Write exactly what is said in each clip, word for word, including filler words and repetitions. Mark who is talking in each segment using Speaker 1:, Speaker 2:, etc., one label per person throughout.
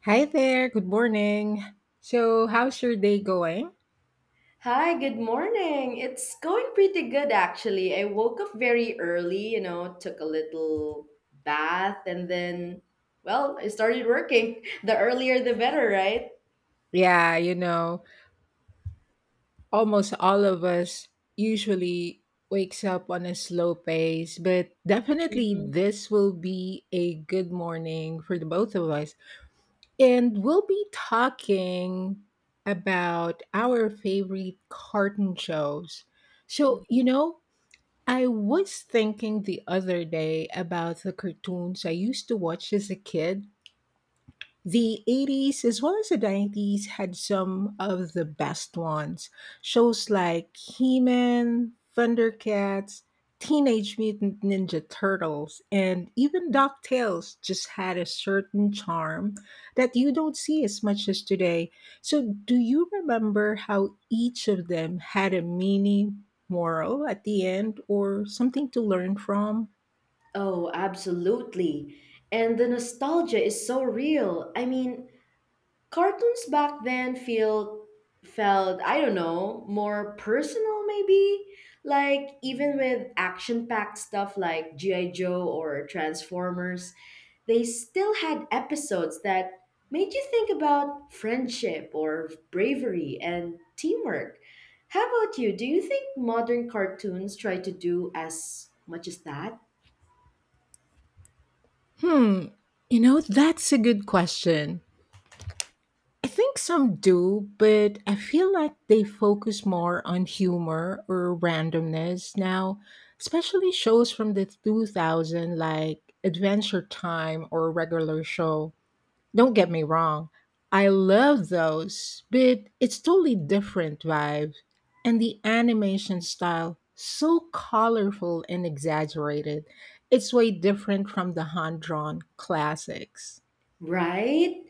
Speaker 1: Hi there, good morning. So, how's your day going?
Speaker 2: Hi, good morning. It's going pretty good actually. I woke up very early, you know, took a little bath and then, well, I started working. The earlier the better, right?
Speaker 1: Yeah, you know, almost all of us usually wakes up on a slow pace, but definitely
Speaker 2: hmm
Speaker 1: this will be a good morning for the both of us. And we'll be talking about our favorite cartoon shows. So, you know, I was thinking the other day about the cartoons I used to watch as a kid. The eighties as well as the nineties had some of the best ones. Shows like He Man, Thundercats, Teenage Mutant Ninja Turtles, and even DuckTales just had a certain charm that you don't see as much as today. So, do you remember how each of them had a mini moral at the end or something to learn from?
Speaker 2: Oh, absolutely. And the nostalgia is so real. I mean, cartoons back then feel felt I don't know, more personal maybe, like even with action packed stuff like G I Joe or Transformers, they still had episodes that made you think about friendship or bravery and teamwork. How about you? Do you think modern cartoons try to do as much as that?
Speaker 1: Hmm, you know, that's a good question. I think some do, but I feel like they focus more on humor or randomness now, especially shows from the two thousand like Adventure Time or Regular Show. Don't get me wrong, I love those, but it's totally different vibe. And the animation style, so colorful and exaggerated, it's way different from the hand drawn classics.
Speaker 2: Right?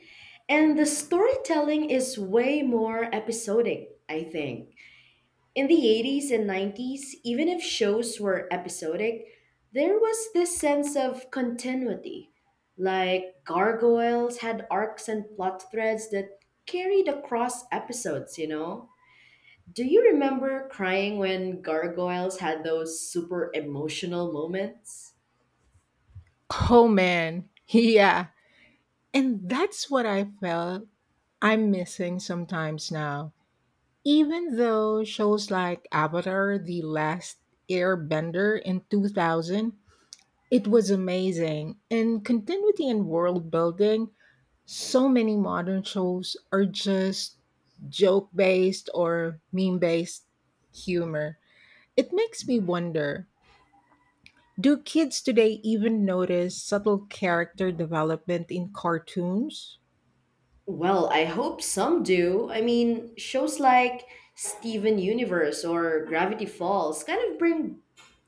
Speaker 2: And the storytelling is way more episodic, I think. In the eighties and nineties, even if shows were episodic, there was this sense of continuity. Like, gargoyles had arcs and plot threads that carried across episodes, you know? Do you remember crying when gargoyles had those super emotional moments?
Speaker 1: Oh man, yeah. And that's what I felt I'm missing sometimes now. Even though shows like Avatar, The Last Airbender in two thousand, it was amazing. In continuity and world building, so many modern shows are just joke based or meme based humor. It makes me wonder, do kids today even notice subtle character development in cartoons?
Speaker 2: Well, I hope some do. I mean, shows like Steven Universe or Gravity Falls kind of bring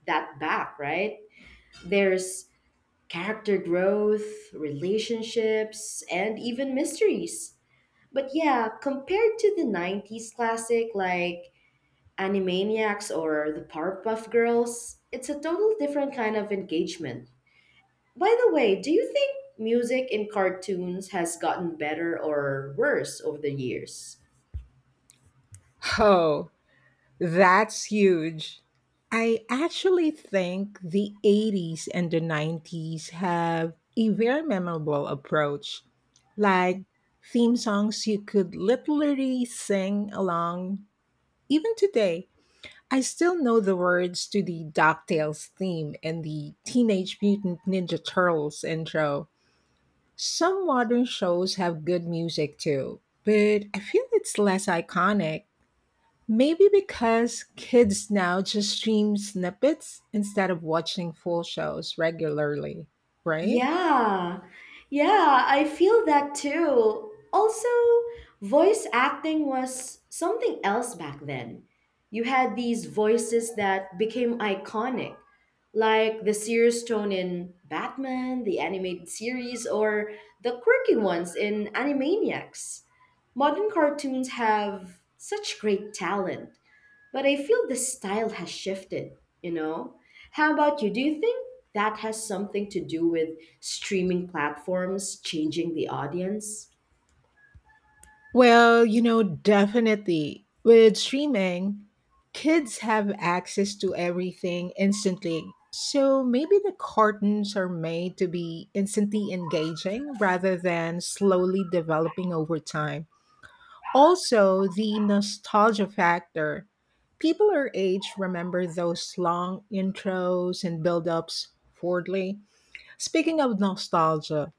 Speaker 2: that back, right? There's character growth, relationships, and even mysteries. But yeah, compared to the nineties classic like Animaniacs or the Powerpuff Girls, it's a total different kind of engagement. By the way, do you think music in cartoons has gotten better or worse over the years?
Speaker 1: Oh, that's huge. I actually think the eighties and the nineties have a very memorable approach. Like theme songs you could literally sing along even today. I still know the words to the DuckTales theme and the Teenage Mutant Ninja Turtles intro. Some modern shows have good music too, but I feel it's less iconic. Maybe because kids now just stream snippets instead of watching full shows regularly, right?
Speaker 2: Yeah, yeah, I feel that too. Also, voice acting was something else back then. You had these voices that became iconic, like the serious tone in Batman, the animated series, or the quirky ones in Animaniacs. Modern cartoons have such great talent, but I feel the style has shifted, you know? How about you? Do you think that has something to do with streaming platforms changing the audience?
Speaker 1: Well, you know, definitely. With streaming, kids have access to everything instantly. So maybe the cartoons are made to be instantly engaging rather than slowly developing over time. Also, the nostalgia factor. People our age remember those long intros and build-ups fondly. Speaking of nostalgia,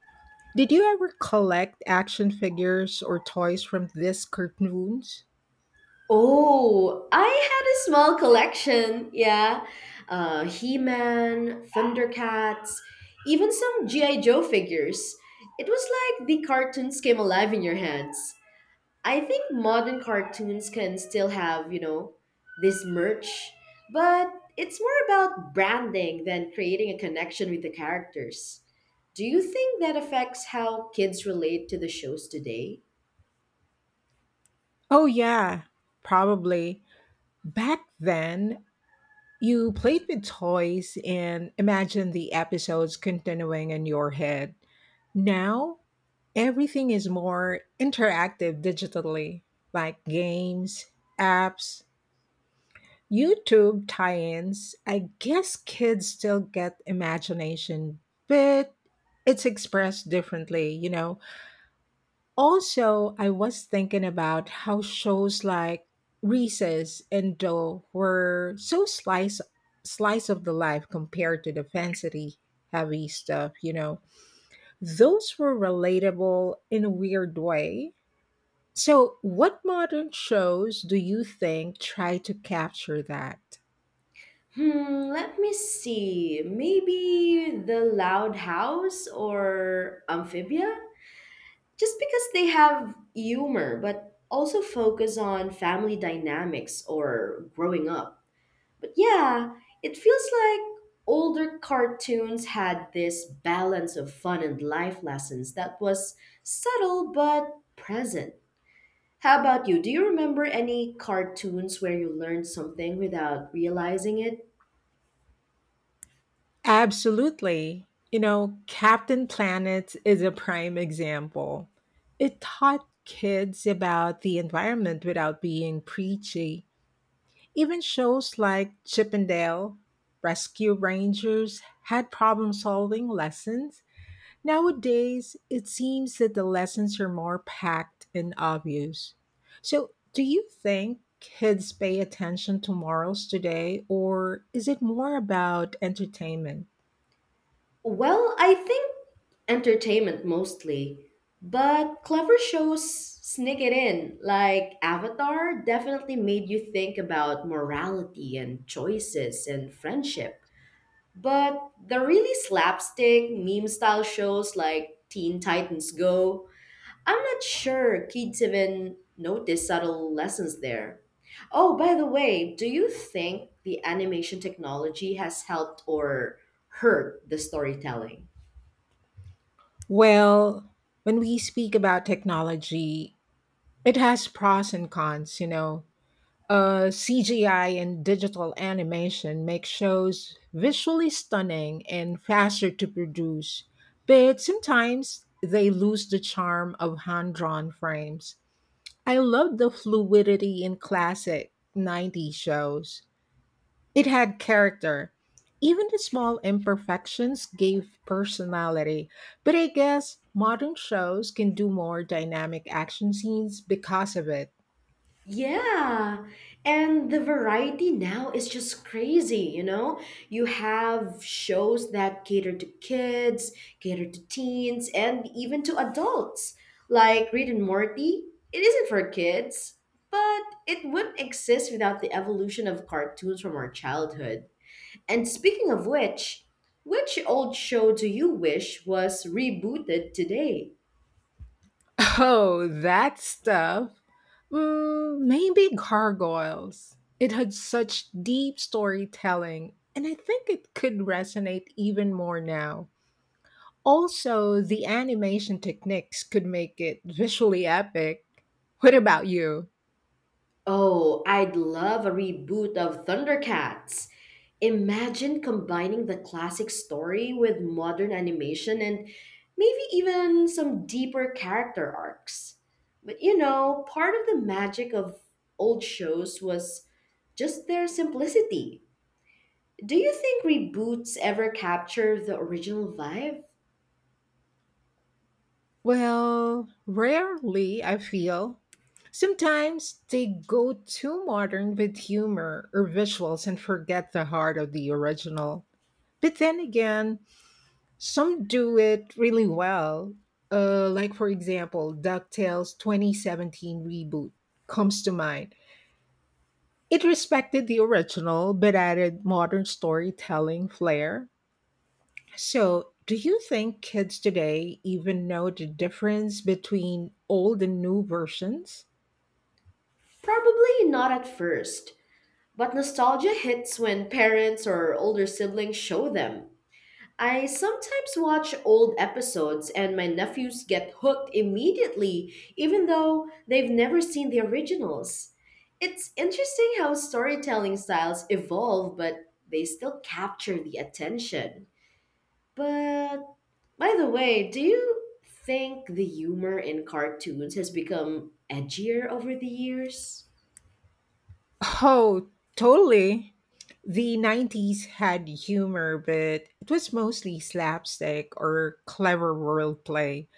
Speaker 1: did you ever collect action figures or toys from these cartoons?
Speaker 2: Oh, I had a small collection, yeah. Uh, He Man, Thundercats, even some G I. Joe figures. It was like the cartoons came alive in your hands. I think modern cartoons can still have, you know, this merch, but it's more about branding than creating a connection with the characters. Do you think that affects how kids relate to the shows today?
Speaker 1: Oh yeah, probably. Back then, you played with toys and imagined the episodes continuing in your head. Now, everything is more interactive digitally, like games, apps, YouTube tie ins. I guess kids still get imagination, but it's expressed differently, you know? Also, I was thinking about how shows like Recess and Doe were so slice slice of the life compared to the fancy heavy stuff, you know. Those were relatable in a weird way. So, what modern shows do you think try to capture that?
Speaker 2: Hmm, let me see. Maybe The Loud House or Amphibia? Just because they have humor, but also focus on family dynamics or growing up. But yeah, it feels like older cartoons had this balance of fun and life lessons that was subtle but present. How about you? Do you remember any cartoons where you learned something without realizing it?
Speaker 1: Absolutely. You know, Captain Planet is a prime example. It taught kids about the environment without being preachy. Even shows like Chip and Dale, Rescue Rangers had problem solving lessons. Nowadays, it seems that the lessons are more packed and obvious. So, do you think kids pay attention to morals today, or is it more about entertainment?
Speaker 2: Well, I think entertainment mostly, but clever shows sneak it in. Like Avatar definitely made you think about morality and choices and friendship. But the really slapstick meme style shows like Teen Titans Go, I'm not sure kids even notice subtle lessons there. Oh, by the way, do you think the animation technology has helped or hurt the storytelling?
Speaker 1: Well, when we speak about technology, it has pros and cons, you know. Uh, C G I and digital animation make shows visually stunning and faster to produce, but sometimes they lose the charm of hand drawn frames. I love the fluidity in classic nineties shows, it had character. Even the small imperfections gave personality. But I guess modern shows can do more dynamic action scenes because of it.
Speaker 2: Yeah, and the variety now is just crazy, you know? You have shows that cater to kids, cater to teens, and even to adults. Like Reed and Morty, it isn't for kids, but it wouldn't exist without the evolution of cartoons from our childhood. And speaking of which, which old show do you wish was rebooted today?
Speaker 1: Oh, that stuff. Mm, maybe Gargoyles. It had such deep storytelling, and I think it could resonate even more now. Also, the animation techniques could make it visually epic. What about you?
Speaker 2: Oh, I'd love a reboot of Thundercats. Imagine combining the classic story with modern animation and maybe even some deeper character arcs. But you know, part of the magic of old shows was just their simplicity. Do you think reboots ever capture the original vibe?
Speaker 1: Well, rarely, I feel. Sometimes they go too modern with humor or visuals and forget the heart of the original. But then again, some do it really well. Uh, like, for example, DuckTales twenty seventeen reboot comes to mind. It respected the original but added modern storytelling flair. So, do you think kids today even know the difference between old and new versions?
Speaker 2: Probably not at first, but nostalgia hits when parents or older siblings show them. I sometimes watch old episodes and my nephews get hooked immediately, even though they've never seen the originals. It's interesting how storytelling styles evolve, but they still capture the attention. But by the way, do you think the humor in cartoons has become edgier over the years?
Speaker 1: Oh, totally. The nineties had humor, but it was mostly slapstick or clever role play.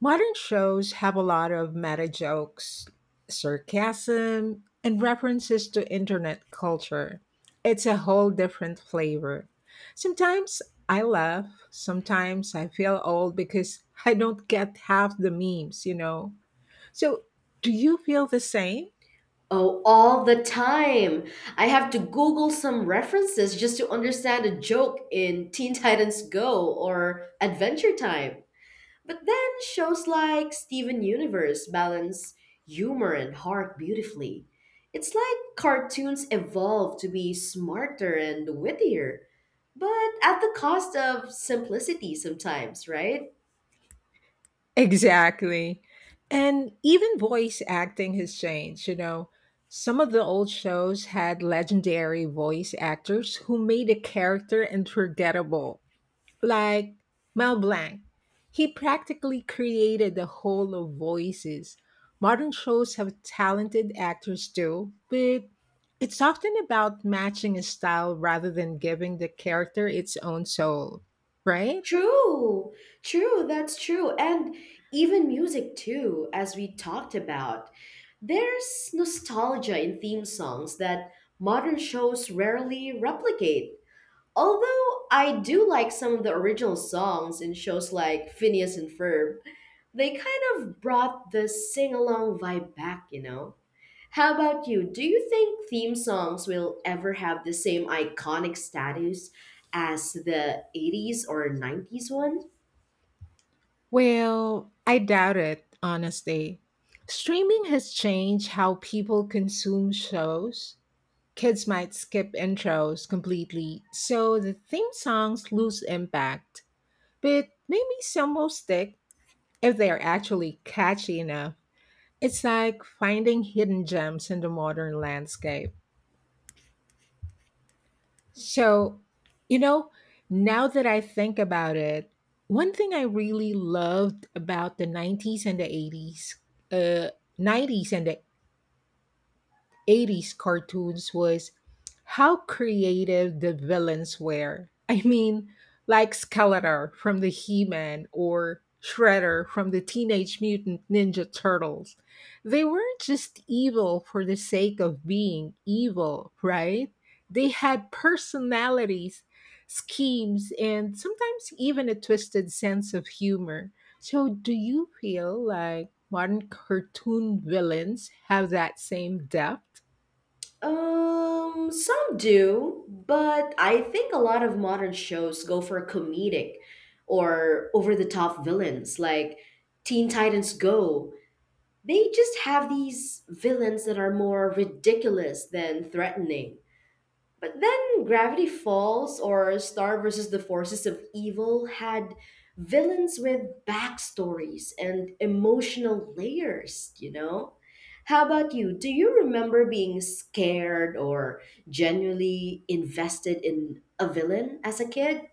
Speaker 1: Modern shows have a lot of meta jokes, sarcasm, and references to internet culture. It's a whole different flavor. Sometimes I laugh, sometimes I feel old because I don't get half the memes, you know. So, do you feel the same?
Speaker 2: Oh, all the time. I have to Google some references just to understand a joke in Teen Titans Go or Adventure Time. But then shows like Steven Universe balance humor and heart beautifully. It's like cartoons evolve to be smarter and wittier, but at the cost of simplicity sometimes, right?
Speaker 1: Exactly. And even voice acting has changed, you know. Some of the old shows had legendary voice actors who made a character unforgettable, like Mel Blanc. He practically created the whole of voices. Modern shows have talented actors too, but it's often about matching a style rather than giving the character its own soul, right?
Speaker 2: True, true, that's true. And even music, too, as we talked about. There's nostalgia in theme songs that modern shows rarely replicate. Although I do like some of the original songs in shows like Phineas and Ferb, they kind of brought the sing along vibe back, you know? How about you? Do you think theme songs will ever have the same iconic status as the eighties or nineties one?
Speaker 1: Well, I doubt it, honestly. Streaming has changed how people consume shows. Kids might skip intros completely, so the theme songs lose impact. But maybe some will stick if they are actually catchy enough. It's like finding hidden gems in the modern landscape. So, you know, now that I think about it, one thing I really loved about the nineties and the eighties, uh, nineties and the eighties cartoons was how creative the villains were. I mean, like Skeletor from the He Man or Shredder from the Teenage Mutant Ninja Turtles. They weren't just evil for the sake of being evil, right? They had personalities, schemes, and sometimes even a twisted sense of humor. So, do you feel like modern cartoon villains have that same depth?
Speaker 2: Um, some do, but I think a lot of modern shows go for comedic or over the top villains like Teen Titans Go. They just have these villains that are more ridiculous than threatening. But then Gravity Falls or Star versus the Forces of Evil had villains with backstories and emotional layers, you know? How about you? Do you remember being scared or genuinely invested in a villain as a kid?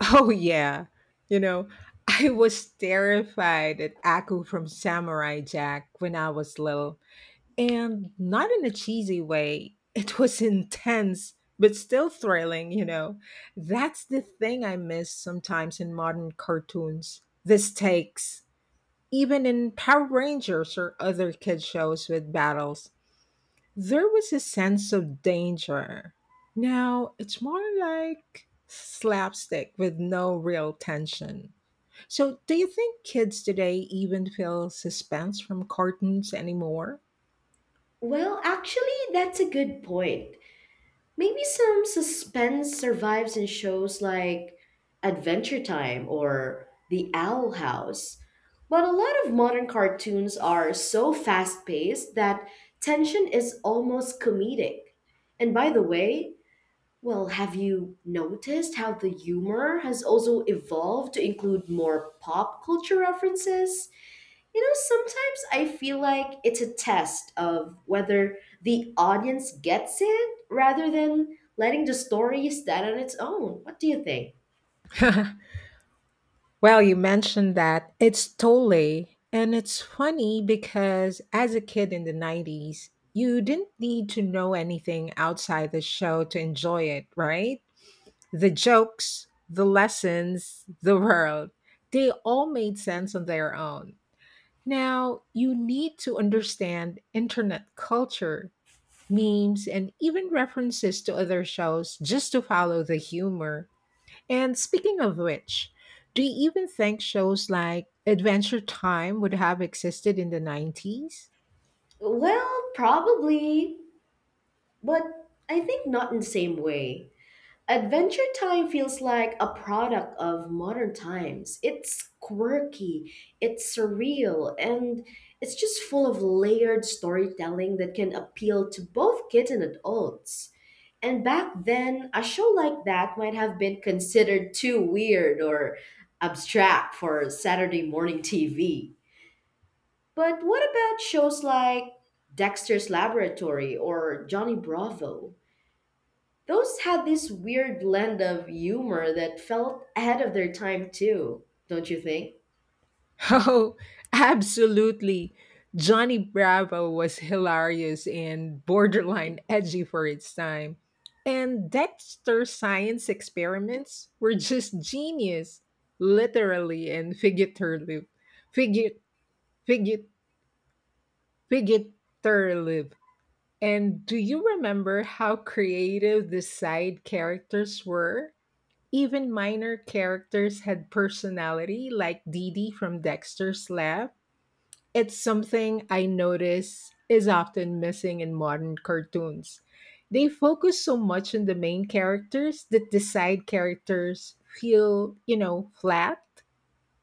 Speaker 1: Oh, yeah. You know, I was terrified at Aku from Samurai Jack when I was little, and not in a cheesy way. It was intense, but still thrilling, you know. That's the thing I miss sometimes in modern cartoons, the stakes, even in Power Rangers or other kid shows with battles. There was a sense of danger. Now it's more like slapstick with no real tension. So, do you think kids today even feel suspense from cartoons anymore?
Speaker 2: Well, actually, that's a good point. Maybe some suspense survives in shows like Adventure Time or The Owl House. But a lot of modern cartoons are so fast paced that tension is almost comedic. And by the way, well, have you noticed how the humor has also evolved to include more pop culture references? You know, sometimes I feel like it's a test of whether the audience gets it rather than letting the story stand on its own. What do you think?
Speaker 1: Well, you mentioned that it's totally, and it's funny because as a kid in the nineties, you didn't need to know anything outside the show to enjoy it, right? The jokes, the lessons, the world, they all made sense on their own. Now, you need to understand internet culture, memes, and even references to other shows just to follow the humor. And speaking of which, do you even think shows like Adventure Time would have existed in the nineties?
Speaker 2: Well, probably, but I think not in the same way. Adventure Time feels like a product of modern times. It's quirky, it's surreal, and it's just full of layered storytelling that can appeal to both kids and adults. And back then, a show like that might have been considered too weird or abstract for Saturday morning T V. But what about shows like Dexter's Laboratory or Johnny Bravo? Those had this weird blend of humor that felt ahead of their time, too, don't you think?
Speaker 1: Oh, absolutely. Johnny Bravo was hilarious and borderline edgy for its time. And Dexter's science experiments were just genius, literally and figuratively. Figu- figu- Figuratively. And do you remember how creative the side characters were? Even minor characters had personality, like Dee Dee from Dexter's Lab. It's something I notice is often missing in modern cartoons. They focus so much on the main characters that the side characters feel, you know, flat.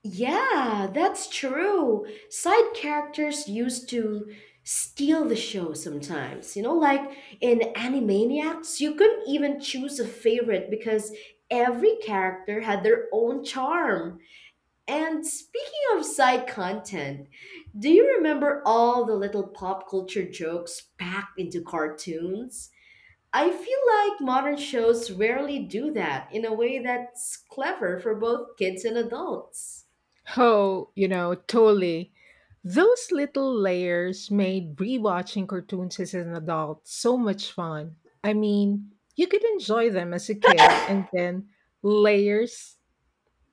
Speaker 2: Yeah, that's true. Side characters used to steal the show sometimes. You know, like in Animaniacs, you couldn't even choose a favorite because every character had their own charm. And speaking of side content, do you remember all the little pop culture jokes packed into cartoons? I feel like modern shows rarely do that in a way that's clever for both kids and adults.
Speaker 1: Oh, you know, totally. Those little layers made rewatching cartoons as an adult so much fun. I mean, you could enjoy them as a kid, and then layers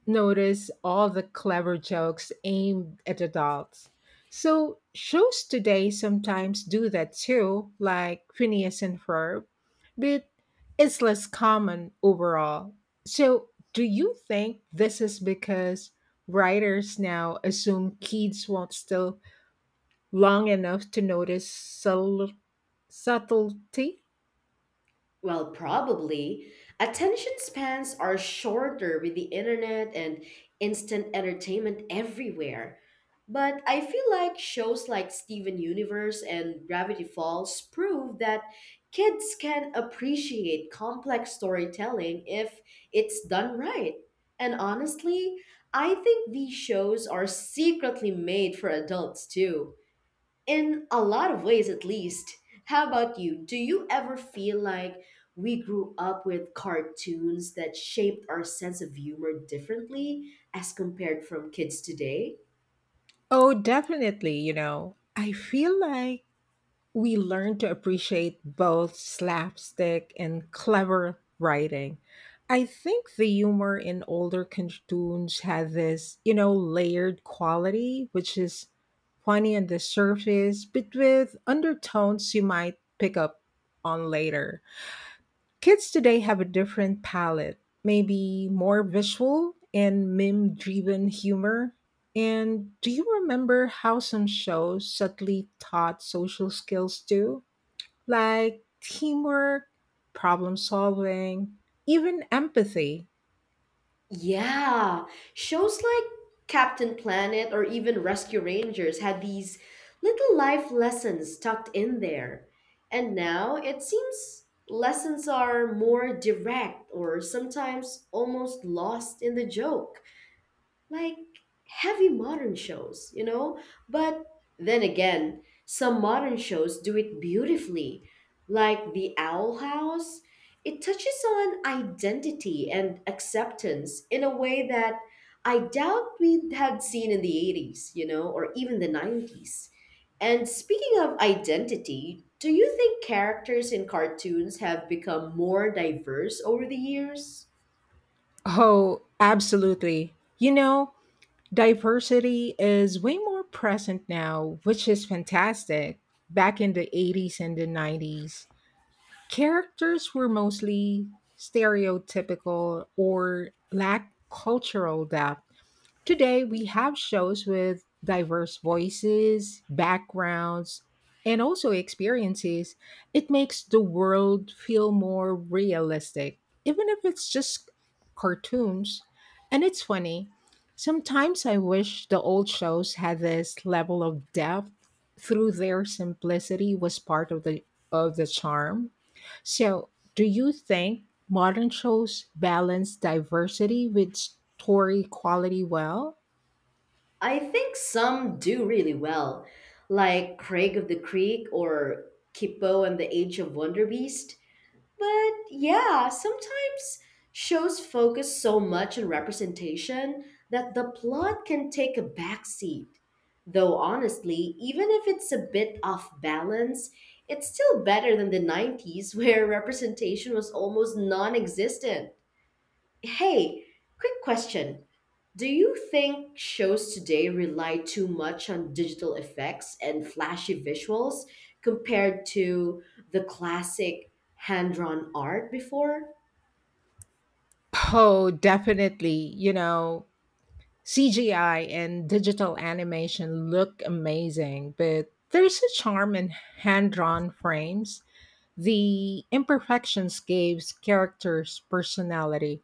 Speaker 1: notice all the clever jokes aimed at adults. So, shows today sometimes do that too, like Phineas and Ferb, but it's less common overall. So, do you think this is because writers now assume kids won't still long enough to notice subtle subtlety?
Speaker 2: Well, probably. Attention spans are shorter with the internet and instant entertainment everywhere. But I feel like shows like Steven Universe and Gravity Falls prove that kids can appreciate complex storytelling if it's done right. And honestly, I think these shows are secretly made for adults too, in a lot of ways at least. How about you? Do you ever feel like we grew up with cartoons that shaped our sense of humor differently as compared from kids today?
Speaker 1: Oh, definitely, you know. I feel like we learn to appreciate both slapstick and clever writing. I think the humor in older cartoons had this, you know, layered quality, which is funny on the surface, but with undertones you might pick up on later. Kids today have a different palette, maybe more visual and meme driven humor. And do you remember how some shows subtly taught social skills too? Like teamwork, problem solving, even empathy.
Speaker 2: Yeah, shows like Captain Planet or even Rescue Rangers had these little life lessons tucked in there, and now it seems lessons are more direct or sometimes almost lost in the joke, like heavy modern shows, you know? But then again, some modern shows do it beautifully, like The Owl House. It touches on identity and acceptance in a way that I doubt we had seen in the eighties, you know, or even the nineties. And speaking of identity, do you think characters in cartoons have become more diverse over the years?
Speaker 1: Oh, absolutely. You know, diversity is way more present now, which is fantastic. Back in the eighties and the nineties, characters were mostly stereotypical or lacked cultural depth. Today, we have shows with diverse voices, backgrounds, and also experiences. It makes the world feel more realistic, even if it's just cartoons. And it's funny. Sometimes I wish the old shows had this level of depth through their simplicity was part of the of the charm. So, do you think modern shows balance diversity with story quality well.
Speaker 2: I think some do really well, like Craig of the Creek or *Kipo and the Age of Wonder Beast. But yeah, sometimes shows focus so much on representation that the plot can take a backseat. Though honestly, even if it's a bit off balance, it's still better than the nineties where representation was almost non existent. Hey, quick question. Do you think shows today rely too much on digital effects and flashy visuals compared to the classic hand drawn art before?
Speaker 1: Oh, definitely. You know, C G I and digital animation look amazing, but there's a charm in hand drawn frames. The imperfections gives characters personality.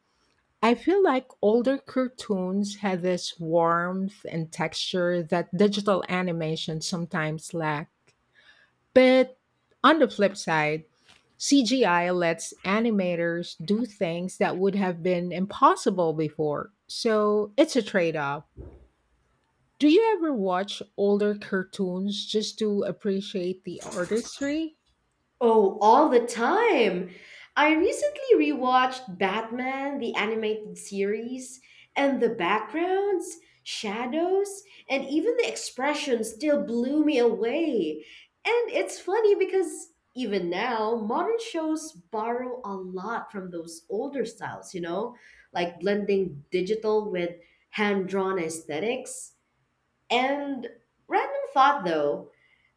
Speaker 1: I feel like older cartoons had this warmth and texture that digital animation sometimes lack. But on the flip side, C G I lets animators do things that would have been impossible before. So it's a trade off. Do you ever watch older cartoons just to appreciate the artistry?
Speaker 2: Oh, all the time. I recently rewatched Batman, the animated series, and the backgrounds, shadows, and even the expressions still blew me away. And it's funny because even now, modern shows borrow a lot from those older styles, you know, like blending digital with hand drawn aesthetics. And random thought though,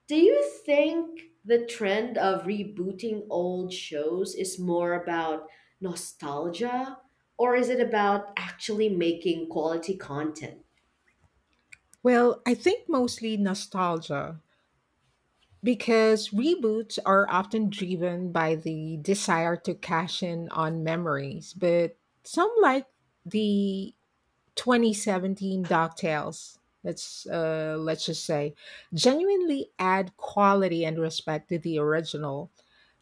Speaker 2: do you think the trend of rebooting old shows is more about nostalgia or is it about actually making quality content?
Speaker 1: Well, I think mostly nostalgia because reboots are often driven by the desire to cash in on memories, but some like the twenty seventeen Docktails, let's uh, let's just say, genuinely add quality and respect to the original.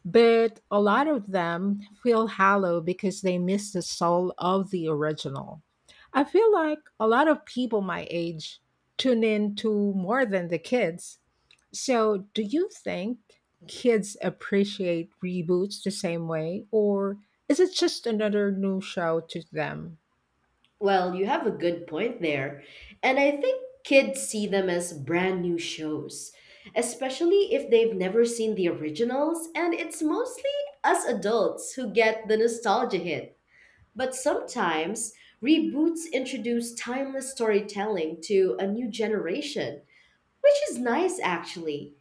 Speaker 1: But a lot of them feel hollow because they miss the soul of the original. I feel like a lot of people my age tune in to more than the kids. So, do you think kids appreciate reboots the same way, or is it just another new show to them?
Speaker 2: Well, you have a good point there. And I think kids see them as brand new shows, especially if they've never seen the originals, and it's mostly us adults who get the nostalgia hit. But sometimes reboots introduce timeless storytelling to a new generation, which is nice actually.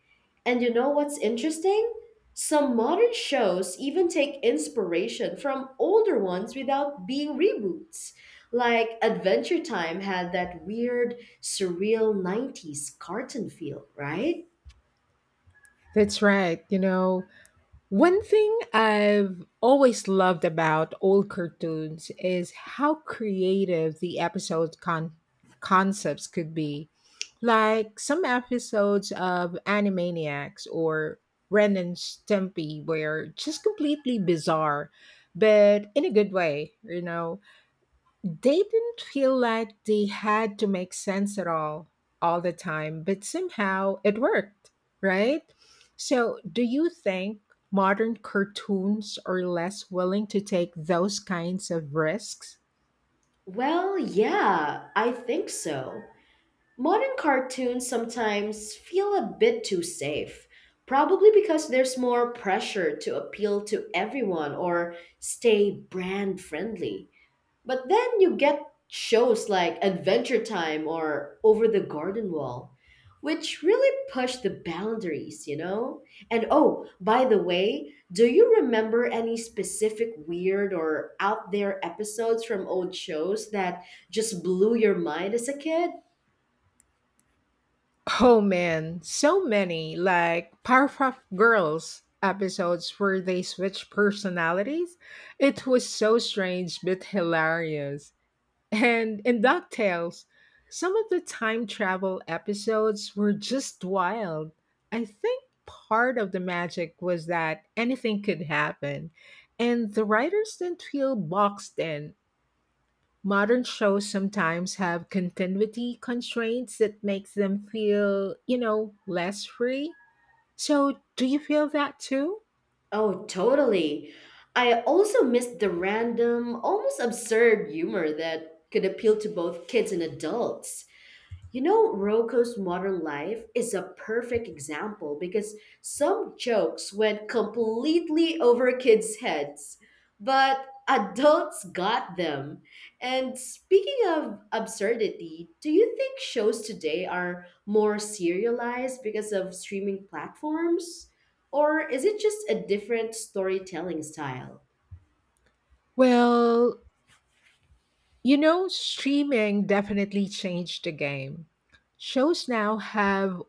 Speaker 2: And you know what's interesting? Some modern shows even take inspiration from older ones without being reboots. Like Adventure Time had that weird, surreal nineties cartoon feel, right?
Speaker 1: That's right. You know, one thing I've always loved about old cartoons is how creative the episode con- concepts could be. Like some episodes of Animaniacs or Ren and Stimpy were just completely bizarre, but in a good way, you know. They didn't feel like they had to make sense at all, all the time, but somehow it worked, right? So, do you think modern cartoons are less willing to take those kinds of risks?
Speaker 2: Well, yeah, I think so. Modern cartoons sometimes feel a bit too safe, probably because there's more pressure to appeal to everyone or stay brand friendly. But then you get shows like Adventure Time or Over the Garden Wall, which really push the boundaries, you know? And oh, by the way, do you remember any specific weird or out there episodes from old shows that just blew your mind as a kid?
Speaker 1: Oh man, so many like Powerpuff Girls episodes where they switch personalities. It was so strange but hilarious. And in DuckTales, some of the time travel episodes were just wild. I think part of the magic was that anything could happen, and the writers didn't feel boxed in. Modern shows sometimes have continuity constraints that makes them feel, you know, less free. So, do you feel that too?
Speaker 2: Oh, totally. I also missed the random, almost absurd humor that could appeal to both kids and adults. You know, Rocco's modern life is a perfect example because some jokes went completely over kids' heads, but adults got them. And speaking of absurdity, do you think shows today are more serialized because of streaming platforms? Or is it just a different storytelling style?
Speaker 1: Well, you know, streaming definitely changed the game, shows now have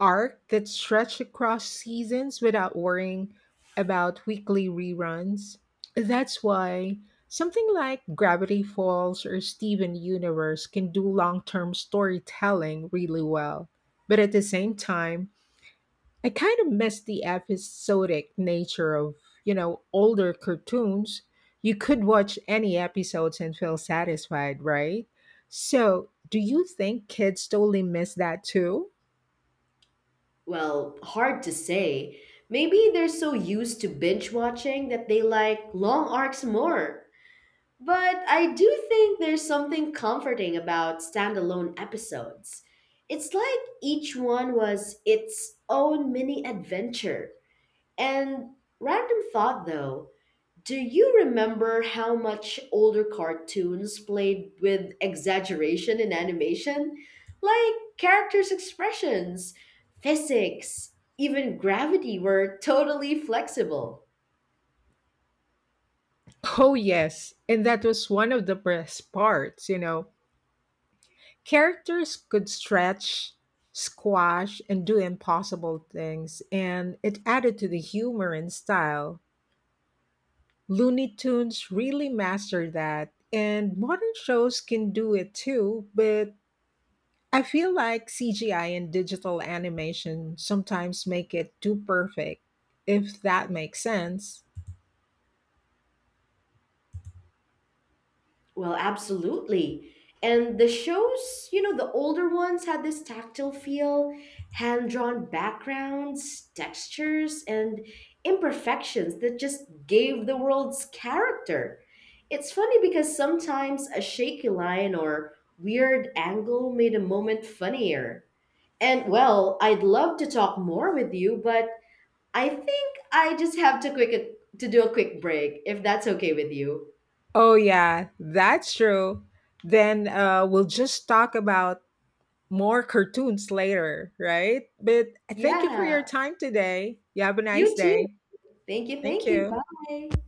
Speaker 1: arc that stretched across seasons without worrying about weekly reruns. That's why something like Gravity Falls or Steven Universe can do long term storytelling really well. But at the same time, I kind of miss the episodic nature of, you know, older cartoons. You could watch any episodes and feel satisfied, right? So, do you think kids totally miss that too?
Speaker 2: Well, hard to say. Maybe they're so used to binge watching that they like long arcs more. But I do think there's something comforting about standalone episodes. It's like each one was its own mini adventure. And random thought though, do you remember how much older cartoons played with exaggeration in animation? Like characters' expressions, physics, even gravity were totally flexible.
Speaker 1: Oh, yes. And that was one of the best parts, you know. Characters could stretch, squash, and do impossible things, and it added to the humor and style. Looney Tunes really mastered that, and modern shows can do it too, but I feel like C G I and digital animation sometimes make it too perfect, if that makes sense.
Speaker 2: Well, absolutely. And the shows, you know, the older ones had this tactile feel, hand drawn backgrounds, textures, and imperfections that just gave the world's character. It's funny because sometimes a shaky line or weird angle made a moment funnier. And well, I'd love to talk more with you, but I think I just have to quick to do a quick break if that's okay with you.
Speaker 1: Oh, yeah, that's true. Then uh, we'll just talk about more cartoons later, right? But thank you for your
Speaker 2: Yeah,
Speaker 1: time today. You have a nice
Speaker 2: you too.
Speaker 1: day.
Speaker 2: Thank you.
Speaker 1: Thank
Speaker 2: Thank you.
Speaker 1: you.
Speaker 2: Bye.